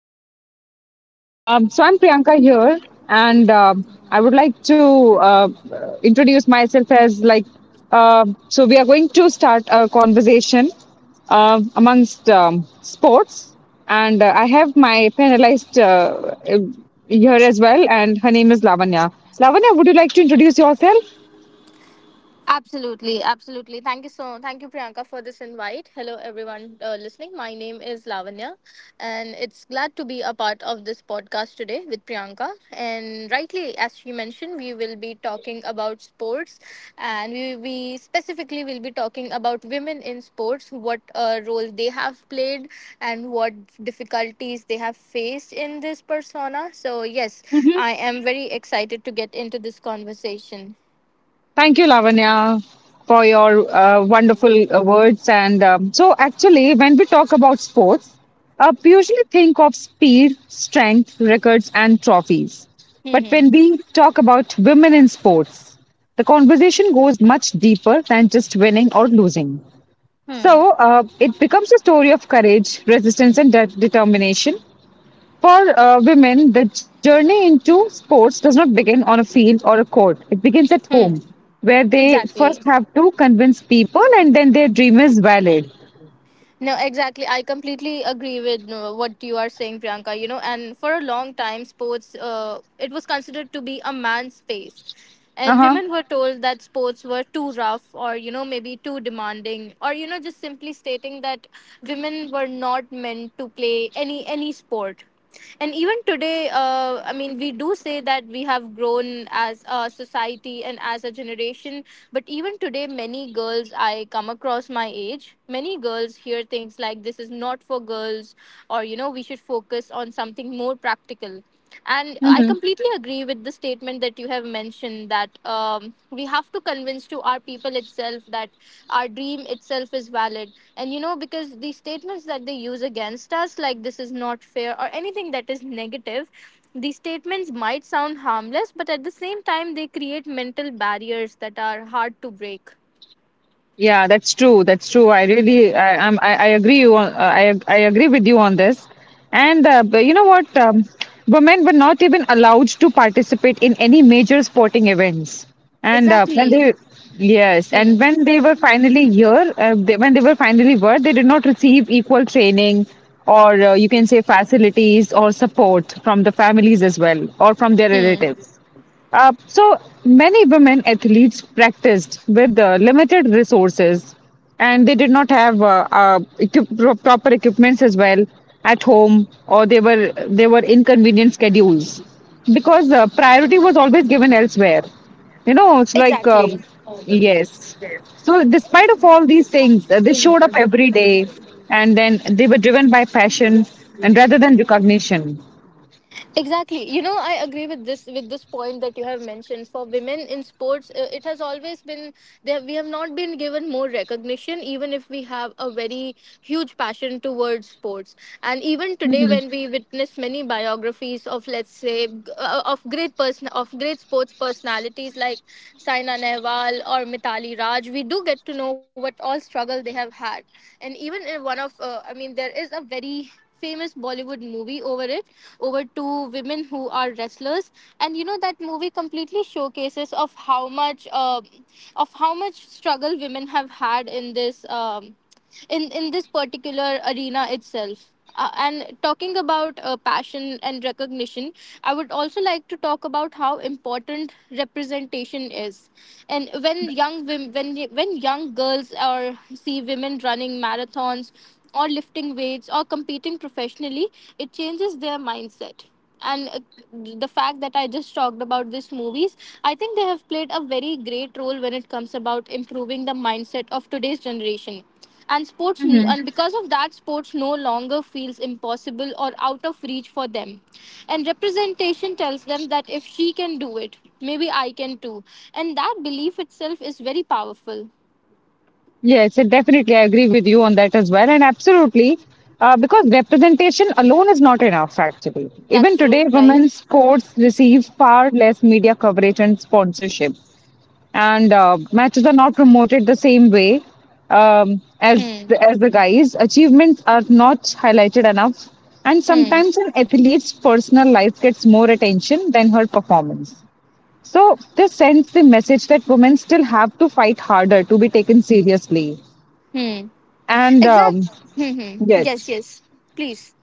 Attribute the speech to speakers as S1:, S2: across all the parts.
S1: podcast channel. So I'm Priyanka here, and I would like to uh, introduce myself as like. So we are going to start a conversation amongst sports, and I have my panelist here as well, and her name is Lavanya. Lavanya, would you like to introduce yourself?
S2: Absolutely, absolutely. Thank you so thank you Priyanka for this invite. Hello everyone, listening. My name is Lavanya and it's glad to be a part of this podcast today with Priyanka. And rightly as she mentioned, we will be talking about sports and we specifically will be talking about women in sports, what role they have played and what difficulties they have faced in this persona. So yes, I am very excited to get into this conversation.
S1: Thank you, Lavanya, for your wonderful words. Actually, when we talk about sports, we usually think of speed, strength, records, and trophies.
S2: Hmm.
S1: But when we
S2: Hmm.
S1: talk about women in sports, the conversation goes much deeper than just winning or losing. So,
S2: Hmm.
S1: it becomes a story of courage, resistance, and determination for women, the journey into sports does not begin on a field or a court. It begins at home,
S2: Hmm.
S1: where they first
S2: Exactly.
S1: have to convince people and then their dream is valid.
S2: No, exactly. I completely agree with what you are saying, Priyanka. You know, and for a long time, sports it was considered to be a man's space, and
S1: Uh
S2: women were told that sports were too rough, or you know, maybe too demanding, or you know, just simply stating that women were not meant to play any sport. And even today, I mean, we do say that we have grown as a society and as a generation, but even today many girls I come across my age, many girls hear things like this is not for girls, or you know, we should focus on something more practical. And I
S1: huh.
S2: completely agree with the statement that you have mentioned, that we have to convince to our people itself that our dream itself is valid. And you know, because the statements that they use against us, like this is not fair or anything that is negative, these statements might sound harmless, but at the same time, they create mental barriers that are hard to break.
S1: Yeah, that's true. That's true. I really, I, I'm, I agree you on, I, agree with you on this. And but you know what? Women were not even allowed to participate in any major sporting events. And
S2: Exactly.
S1: yes, and
S2: Hmm.
S1: when they were finally were, they did not receive equal training or you can say facilities or support from the families as well or from their
S2: Hmm.
S1: relatives. So many women athletes practiced with limited resources, and they did not have proper equipments as well at home, or they were inconvenient schedules because priority was always given elsewhere. You know, it's like
S2: Exactly.
S1: yes. So despite of all these things, they showed up every day, and then they were driven by passion and rather than recognition.
S2: Exactly. You know, I agree with this point that you have mentioned. For women in sports, it has always been there. We have not been given more recognition, even if we have a very huge passion towards sports. And even today, when we witness many biographies of, let's say, of great sports personalities like Saina Nehwal or Mitali Raj, we do get to know what all struggle they have had. And even in one of, I mean, there is a very famous Bollywood movie over it, over two women who are wrestlers, and you know that movie completely showcases of how much struggle women have had in this. In this particular arena itself. And talking about passion and recognition, I would also like to talk about how important representation is. And when young girls or see women running marathons or lifting weights or competing professionally, it changes their mindset. And uh, the fact that I just talked about these movies, I think they have played a very great role when it comes about improving the mindset of today's generation and sports, and because of that, sports no longer feels impossible or out of reach for them. And representation tells them that if she can do it, maybe I can too, and that belief itself is very powerful.
S1: Yes, and definitely. I agree with you on that as well. And absolutely, because representation alone is not enough, actually. Even
S2: That's
S1: today,
S2: true, right.
S1: women's sports receive far less media coverage and sponsorship. And matches are not promoted the same way
S2: Hmm.
S1: as the guys. Achievements are not highlighted enough. And
S2: Hmm.
S1: sometimes an athlete's personal life gets more attention than her performance. So, this sends the message that women still have to fight harder to be taken seriously.
S2: Hmm.
S1: And
S2: Exactly. Hmm. Hmm. Yes,
S1: yes,
S2: yes, please.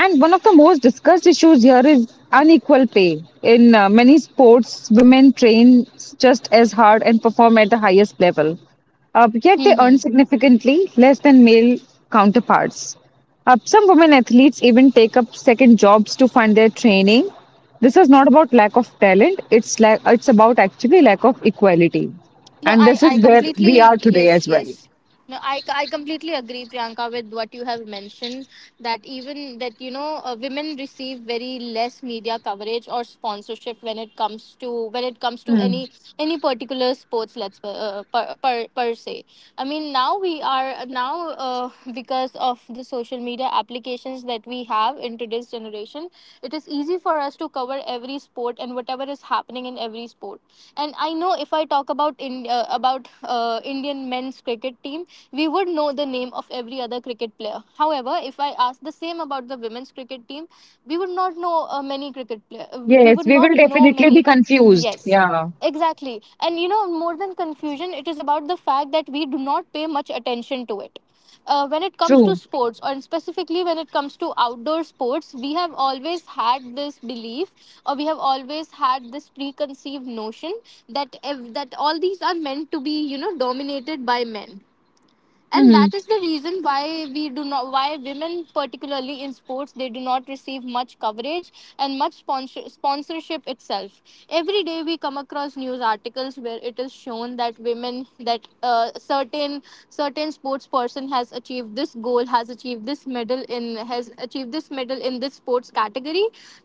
S1: and one of the most discussed issues here is unequal pay. In many sports, women train just as hard and perform at the highest level. Yet they
S2: Hmm.
S1: earn
S2: Hmm.
S1: significantly less than male counterparts. Some women athletes even take up second jobs to fund their training. This is not about lack of talent, it's about actually lack of equality.
S2: No,
S1: And
S2: I,
S1: this
S2: I
S1: is where we
S2: completely,
S1: are today as
S2: yes,
S1: well.
S2: yes. No, I completely agree, Priyanka, with what you have mentioned, that even that, you know, women receive very less media coverage or sponsorship when it comes to any particular sports, let's per se. I mean, now we are now, because of the social media applications that we have in today's generation, it is easy for us to cover every sport and whatever is happening in every sport. And I know if I talk about Indian men's cricket team, we would know the name of every other cricket player. However, if I ask the same about the women's cricket team, we would not know many cricket player, uh, we
S1: Yes,
S2: would
S1: we
S2: not
S1: will
S2: know
S1: definitely be
S2: many
S1: confused.
S2: Yes,
S1: Yeah,
S2: exactly. And you know, more than confusion, it is about the fact that we do not pay much attention to it. When it comes
S1: true.
S2: to sports, or specifically when it comes to outdoor sports, we have always had this belief, or we have always had this preconceived notion, that if that all these are meant to be, you know, dominated by men. And
S1: Hmm.
S2: that is the reason why we do not, why women particularly in sports, they do not receive much coverage and much sponsorship itself. Every day we come across news articles where it is shown that women, that certain sports person has achieved this goal, has achieved this medal in, has achieved this medal in this sports category.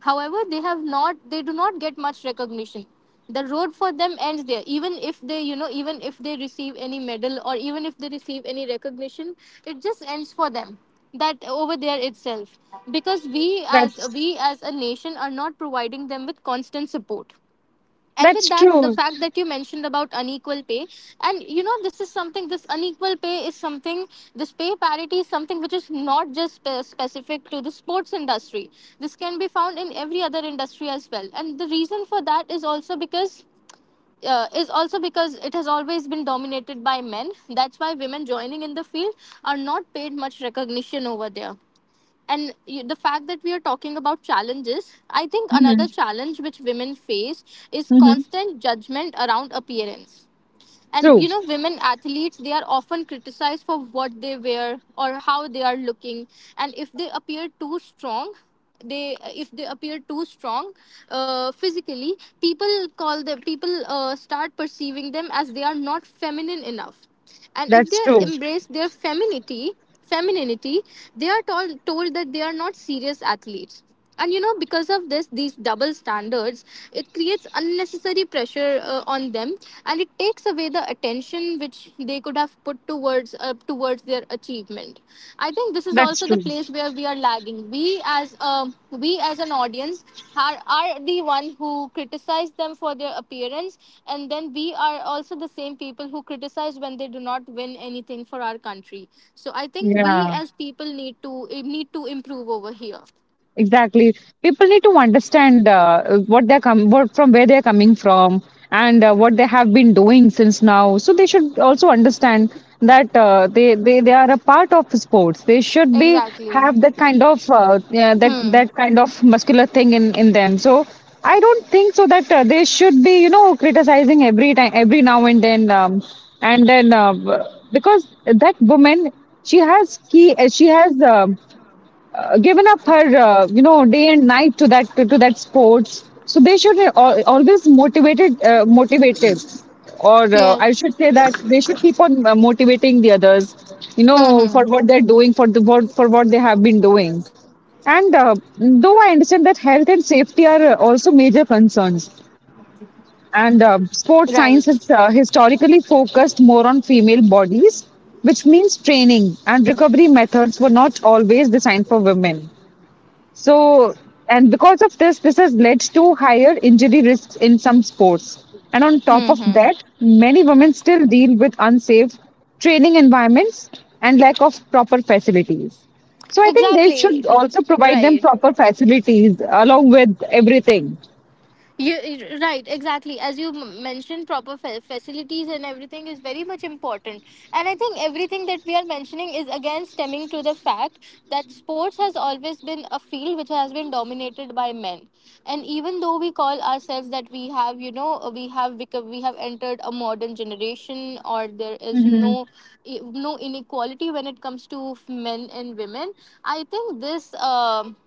S2: However, they do not get much recognition. The road for them ends there. Even if they, you know, even if they receive any medal, or even if they receive any recognition, it just ends for them, that over there itself, because
S1: That's
S2: we as a nation are not providing them with constant support. And with that, the
S1: true.
S2: fact that you mentioned about unequal pay, and you know, this is something, this unequal pay is something, this pay parity is something which is not just specific to the sports industry. This can be found in every other industry as well. And the reason for that is also because, it has always been dominated by men. That's why women joining in the field are not paid much recognition over there. And you, the fact that we are talking about challenges, I think another
S1: Hmm.
S2: challenge which women face is
S1: Hmm.
S2: constant judgment around appearance. And
S1: True.
S2: you know, women athletes, they are often criticized for what they wear or how they are looking. And if they appear too strong, they if they appear too strong physically, people call them, people start perceiving them as they are not feminine enough. And if
S1: That's
S2: they
S1: true.
S2: embrace their femininity, they are told that they are not serious athletes. And you know, because of this, these double standards, it creates unnecessary pressure on them, and it takes away the attention which they could have put towards towards their achievement. I think this is
S1: That's
S2: also the
S1: true.
S2: place where we are lagging. We as an audience are the one who criticize them for their appearance, and then we are also the same people who criticize when they do not win anything for our country. So I think we
S1: Yeah.
S2: as people need to need to improve over here.
S1: Exactly. People need to understand what they're com- what, from where they're coming from and what they have been doing since now. So they should also understand that they are a part of sports. They should be
S2: Exactly.
S1: have that kind of
S2: Hmm.
S1: that kind of muscular thing in them. So I don't think so that they should be you know criticizing every time every now and then and then uh, because that woman she has. Given up her you know day and night to that to that sports so they should al- always motivated motivated or
S2: Yes.
S1: I should say that they should keep on motivating the others you know for
S2: Mm-hmm.
S1: what they're doing for the what for what they have been doing and though I understand that health and safety are also major concerns and sports science
S2: Right.
S1: has historically focused more on female bodies which means training and recovery methods were not always designed for women so, and because of this, this has led to higher injury risks in some sports. And on top of
S2: Mm-hmm.
S1: that, many women still deal with unsafe training environments and lack of proper facilities. So, I think they should
S2: Exactly.
S1: also provide them
S2: Right.
S1: proper facilities along with everything.
S2: You, right, exactly. As you mentioned, proper facilities and everything is very much important. And I think everything that we are mentioning is again stemming to the fact that sports has always been a field which has been dominated by men. And even though we call ourselves that we have, you know, we have entered a modern generation, or there is
S1: Mm-hmm.
S2: no no inequality when it comes to men and women. I think this. Um,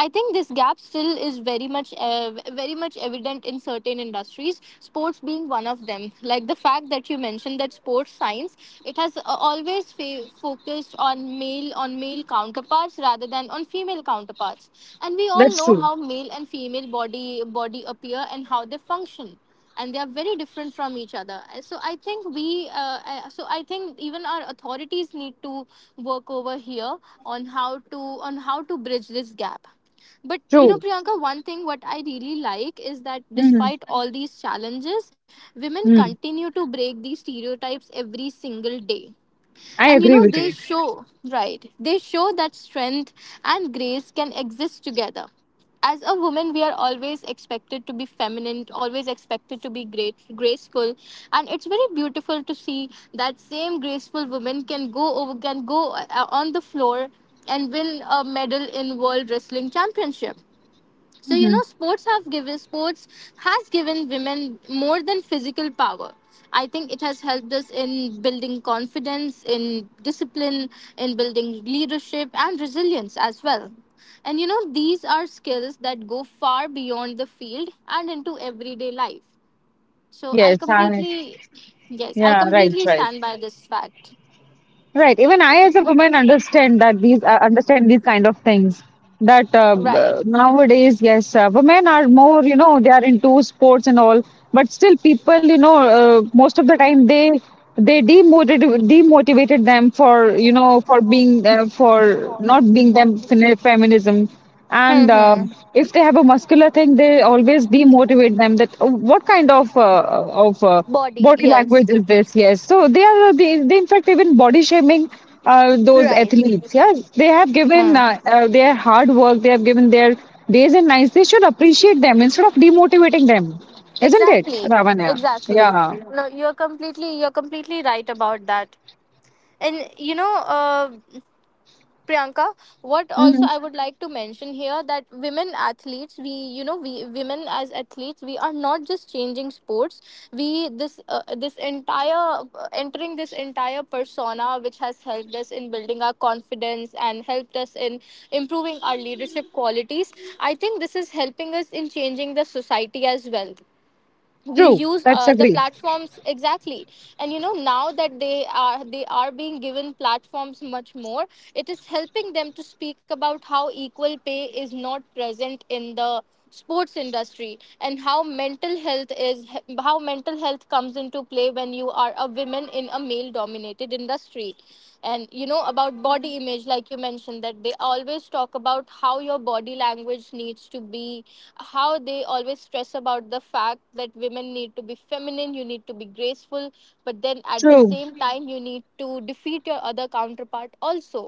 S2: I think this gap still is very much very much evident in certain industries, sports being one of them. Like the fact that you mentioned that sports science, it has always focused on male counterparts rather than on female counterparts. And we all
S1: That's
S2: know
S1: true.
S2: how male and female body appear and how they function, and they are very different from each other. So I think even our authorities need to work over here on how to on how to bridge this gap. But you
S1: True.
S2: know Priyanka, one thing what I really like is that
S1: Mm-hmm.
S2: despite all these challenges, women
S1: Hmm.
S2: continue to break these stereotypes every single day.
S1: I
S2: and you know
S1: agree with
S2: they
S1: you.
S2: show right they show that strength and grace can exist together. As a woman, we are always expected to be feminine, always expected to be great graceful. And it's very beautiful to see that same graceful woman can go over can go on the floor and win a medal in world wrestling championship. So you
S1: Mm-hmm.
S2: know, sports has given women more than physical power. I think it has helped us in building confidence, in discipline, in building leadership and resilience as well. And you know, these are skills that go far beyond the field and into everyday life. So
S1: Yes, I,
S2: yes, I
S1: yeah,
S2: completely
S1: right.
S2: stand by this fact.
S1: Right. Even I, as a woman, understand that these understand these kind of things. That
S2: Right.
S1: nowadays, yes, women are more, you know, they are into sports and all. But still, people, you know, most of the time they demotivated them for you know for being for not being them feminism and
S2: Hmm.
S1: if they have a muscular thing they always demotivate them that "Oh, what kind of of uh,
S2: Body.
S1: body
S2: Yes.
S1: language is this," yes, so they are they in fact even body shaming those
S2: Right.
S1: athletes, yes, they have given
S2: Hmm.
S1: their hard work, they have given their days and nights, they should appreciate them instead of demotivating them, isn't it,
S2: Exactly.
S1: Ravana?
S2: Exactly.
S1: Yeah.
S2: No, you're completely right about that. And you know, Priyanka, what also
S1: Hmm.
S2: I would like to mention here, that women athletes, we, you know, we women as athletes, we are not just changing sports. We this this entire entering this entire persona, which has helped us in building our confidence and helped us in improving our leadership qualities. I think this is helping us in changing the society as well. We
S1: True,
S2: use
S1: that's
S2: the
S1: agree.
S2: platforms exactly. And you know, now that they are being given platforms much more, it is helping them to speak about how equal pay is not present in the sports industry, and how mental health is, how mental health comes into play when you are a woman in a male dominated industry. And you know about body image, like you mentioned, that they always talk about how your body language needs to be, how they always stress about the fact that women need to be feminine, you need to be graceful, but then at the
S1: True.
S2: same time you need to defeat your other counterpart also.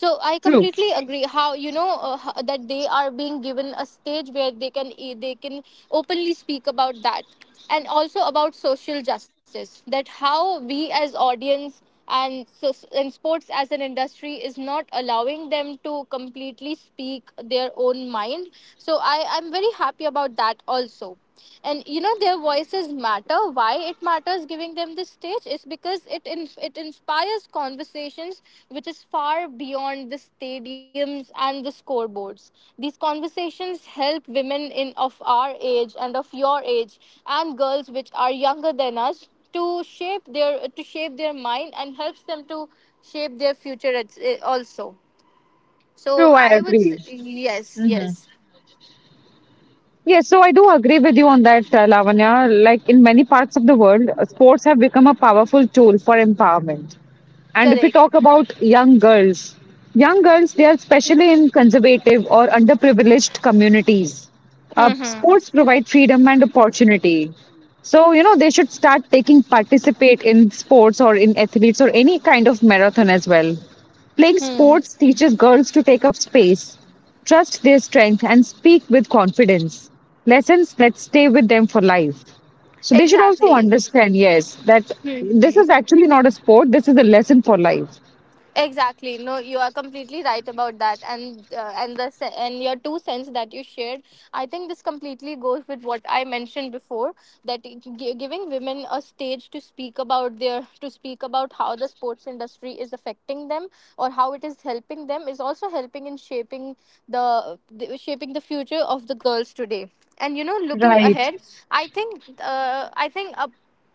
S2: So I
S1: True.
S2: completely agree how you know, that they are being given a stage where they can openly speak about that, and also about social justice, that how we as audience and sports as an industry is not allowing them to completely speak their own mind. So I'm very happy about that also. And you know, their voices matter. Why it matters giving them this stage is because it inspires conversations which is far beyond the stadiums and the scoreboards. These conversations help women in of our age and of your age, and girls which are younger than us, to shape their mind, and helps them to shape their future also.
S1: True, I agree.
S2: Yes,
S1: Mm-hmm.
S2: yes,
S1: Yes, so I do agree with you on that, Lavanya. Like in many parts of the world, sports have become a powerful tool for empowerment. And if we
S2: correct.
S1: talk about young girls, they are especially in conservative or underprivileged communities.
S2: Hmm, hmm,
S1: Sports provide freedom and opportunity. So, you know, they should start taking participate in sports or in athletes or any kind of marathon as well. Playing
S2: hmm,
S1: sports teaches girls to take up space, trust their strength, and speak with confidence. Lessons that stay with them for life. So they should also
S2: exactly,
S1: understand, yes, that this is
S2: hmm.
S1: actually not a sport, this is a lesson for life.
S2: Exactly. No, you are completely right about that, and and your two cents that you shared, I think this completely goes with what I mentioned before, that giving women a stage to speak about how the sports industry is affecting them, or how it is helping them, is also helping in shaping the shaping the future of the girls today. And you know, looking
S1: Right.
S2: ahead, I think,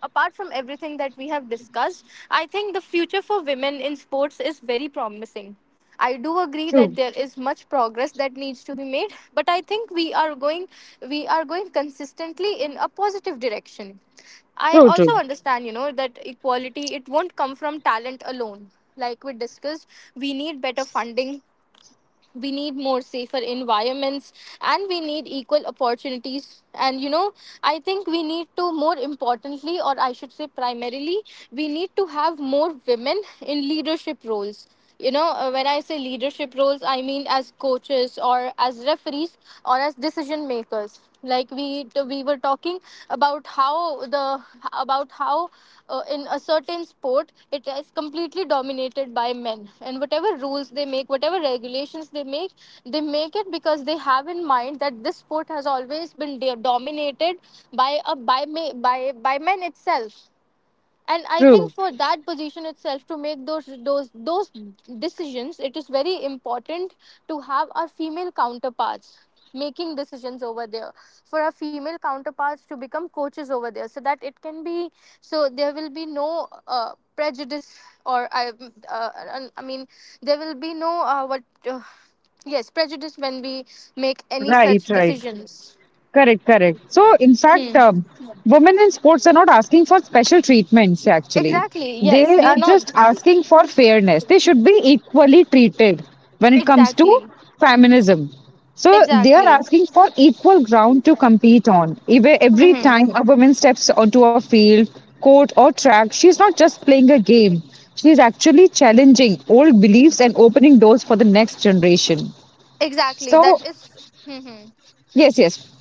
S2: apart from everything that we have discussed, I think the future for women in sports is very promising. I do agree
S1: True.
S2: that there is much progress that needs to be made, but I think we are going, we are going consistently in a positive direction. I
S1: True, true.
S2: also understand, you know, that equality, it won't come from talent alone. Like we discussed, we need better funding, we need more safer environments, and we need equal opportunities. And you know, I think we need to, more importantly, or I should say primarily, we need to have more women in leadership roles. You know, when I say leadership roles, I mean as coaches or as referees, or as decision makers. Like we were talking about how the about how, in a certain sport, it is completely dominated by men, and whatever rules they make, whatever regulations they make, they make it because they have in mind that this sport has always been dominated by a by ma- by by men itself. And I
S1: True.
S2: think for that position itself, to make those those decisions, it is very important to have our female counterparts making decisions over there, for our female counterparts to become coaches over there, so that it can be, so there will be no prejudice, or uh, I mean there will be no what uh, yes, prejudice, when we make any such
S1: Right, right.
S2: decisions.
S1: Correct, correct. So, in fact,
S2: Hmm.
S1: women in sports are not asking for special treatments, actually.
S2: Exactly, yes,
S1: They
S2: we are
S1: are
S2: not.
S1: just asking for fairness. They should be equally treated when it comes to
S2: Exactly,
S1: feminism. So, they are
S2: exactly.
S1: asking for equal ground to compete on. Even every
S2: Hmm.
S1: time a woman steps onto a field, court, or track, she's not just playing a game, she's actually challenging old beliefs and opening doors for the next generation.
S2: Exactly. That
S1: So,
S2: is. Hmm.
S1: yes, yes,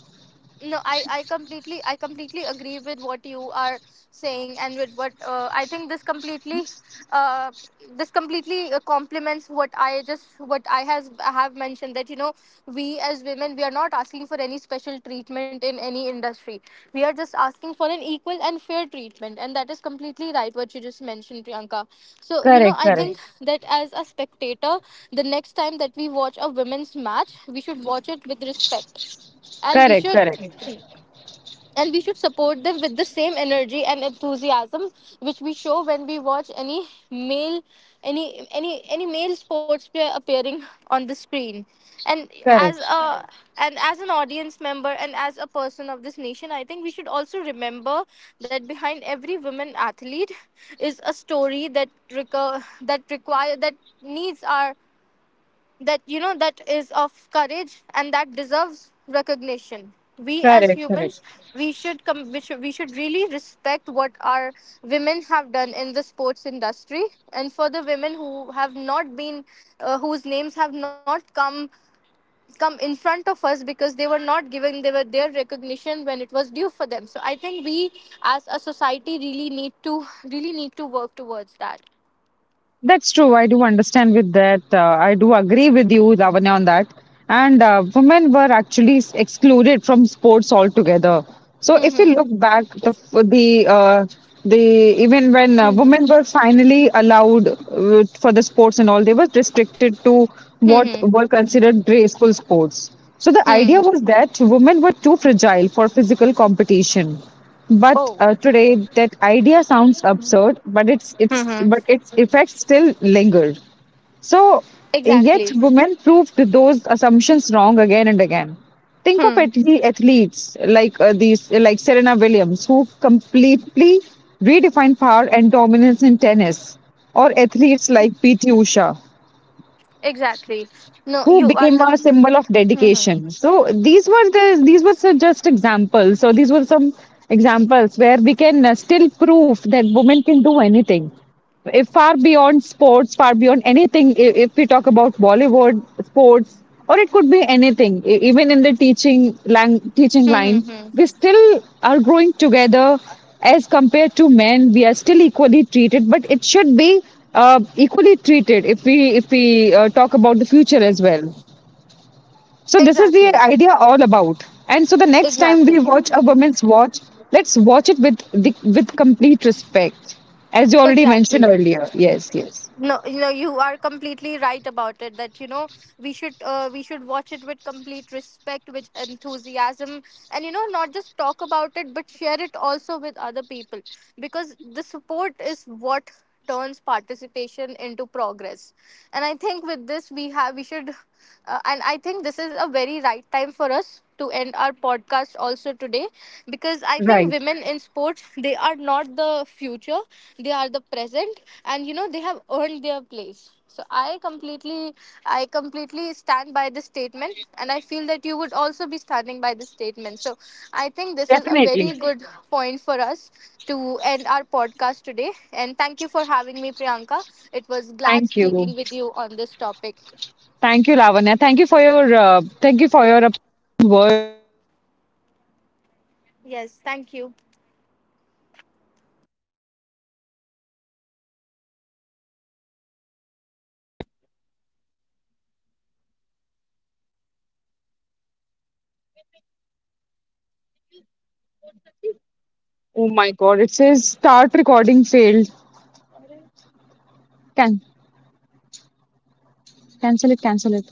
S2: No, I completely, I completely agree with what you are saying, and with what, I think this completely, uh, complements what I just, what I has I have mentioned, that you know, we as women, we are not asking for any special treatment in any industry, we are just asking for an equal and fair treatment, and that is completely right, what you just mentioned, Priyanka. So you know,
S1: correct,
S2: I
S1: correct,
S2: think, right, that as a spectator, the next time that we watch a women's match, we should watch it with respect, and we
S1: correct,
S2: should,
S1: correct.
S2: and we should support them with the same energy and enthusiasm which we show when we watch any male, any male sports player appearing on the screen. And as
S1: Correct,
S2: a, and as an audience member, and as a person of this nation, I think we should also remember that behind every women athlete is a story that reco- that require that needs our, that you know, that is of courage, and that deserves recognition. We as
S1: correct, correct.
S2: humans, we should really respect what our women have done in the sports industry, and for the women who have not been, whose names have not come, come in front of us, because they were not given, they were their recognition when it was due for them. So I think we as a society really need to, really need to work towards that.
S1: That's true. I do understand with that. I do agree with you, Lavanya, on that. And women were actually excluded from sports altogether. So if you look
S2: Hmm,
S1: back, the uh, the even when
S2: hmm, hmm,
S1: women were finally allowed for the sports and all, they were restricted to what
S2: hmm,
S1: were considered graceful sports. So the idea
S2: hmm,
S1: was
S2: hmm.
S1: that women were too fragile for physical competition. But
S2: Oh.
S1: today, that idea sounds absurd, but it's
S2: Mm-hmm.
S1: but its effects still linger. So, yet
S2: Exactly.
S1: women proved those assumptions wrong again and again. Think of
S2: Hmm.
S1: athletes like like Serena Williams, who completely redefined power and dominance in tennis, or athletes like P.T. Usha,
S2: Exactly. No,
S1: who
S2: you
S1: became
S2: are
S1: a
S2: com-.
S1: symbol of
S2: Hmm, hmm.
S1: dedication. So these were so just examples. So these were some examples where we can still prove that women can do anything if far beyond sports, far beyond anything, if we talk about Bollywood, sports, or it could be anything, even in the teaching line,
S2: Mm-hmm.
S1: we still are growing together as compared to men. We are still equally treated, but it should be uh, equally treated if we if we talk about the future as well. So this is the
S2: Exactly,
S1: idea all about. And so the next time we
S2: exactly.
S1: watch a woman's watch, let's watch it with with complete respect, as you already mentioned
S2: Exactly.
S1: earlier. Yes, yes,
S2: No, you know, you are completely right about it. That you know, we should, we should watch it with complete respect, with enthusiasm, and you know, not just talk about it, but share it also with other people, because the support is what turns participation into progress. And I think, with this, we should, and I think this is a very right time for us to end our podcast also today, because I think
S1: right,
S2: women in sports, they are not the future, they are the present. And you know, they have earned their place. So I completely, I completely stand by this statement, and I feel that you would also be standing by this statement. So I think this is a
S1: definitely.
S2: very good point for us to end our podcast today, and thank you for having me, Priyanka. It was glad
S1: Thank you,
S2: speaking with you on this topic.
S1: thank you, Lavanya. Thank you for your thank you for your words.
S2: Yes, thank you.
S3: Oh my god, it says start recording failed. Can cancel it, cancel it.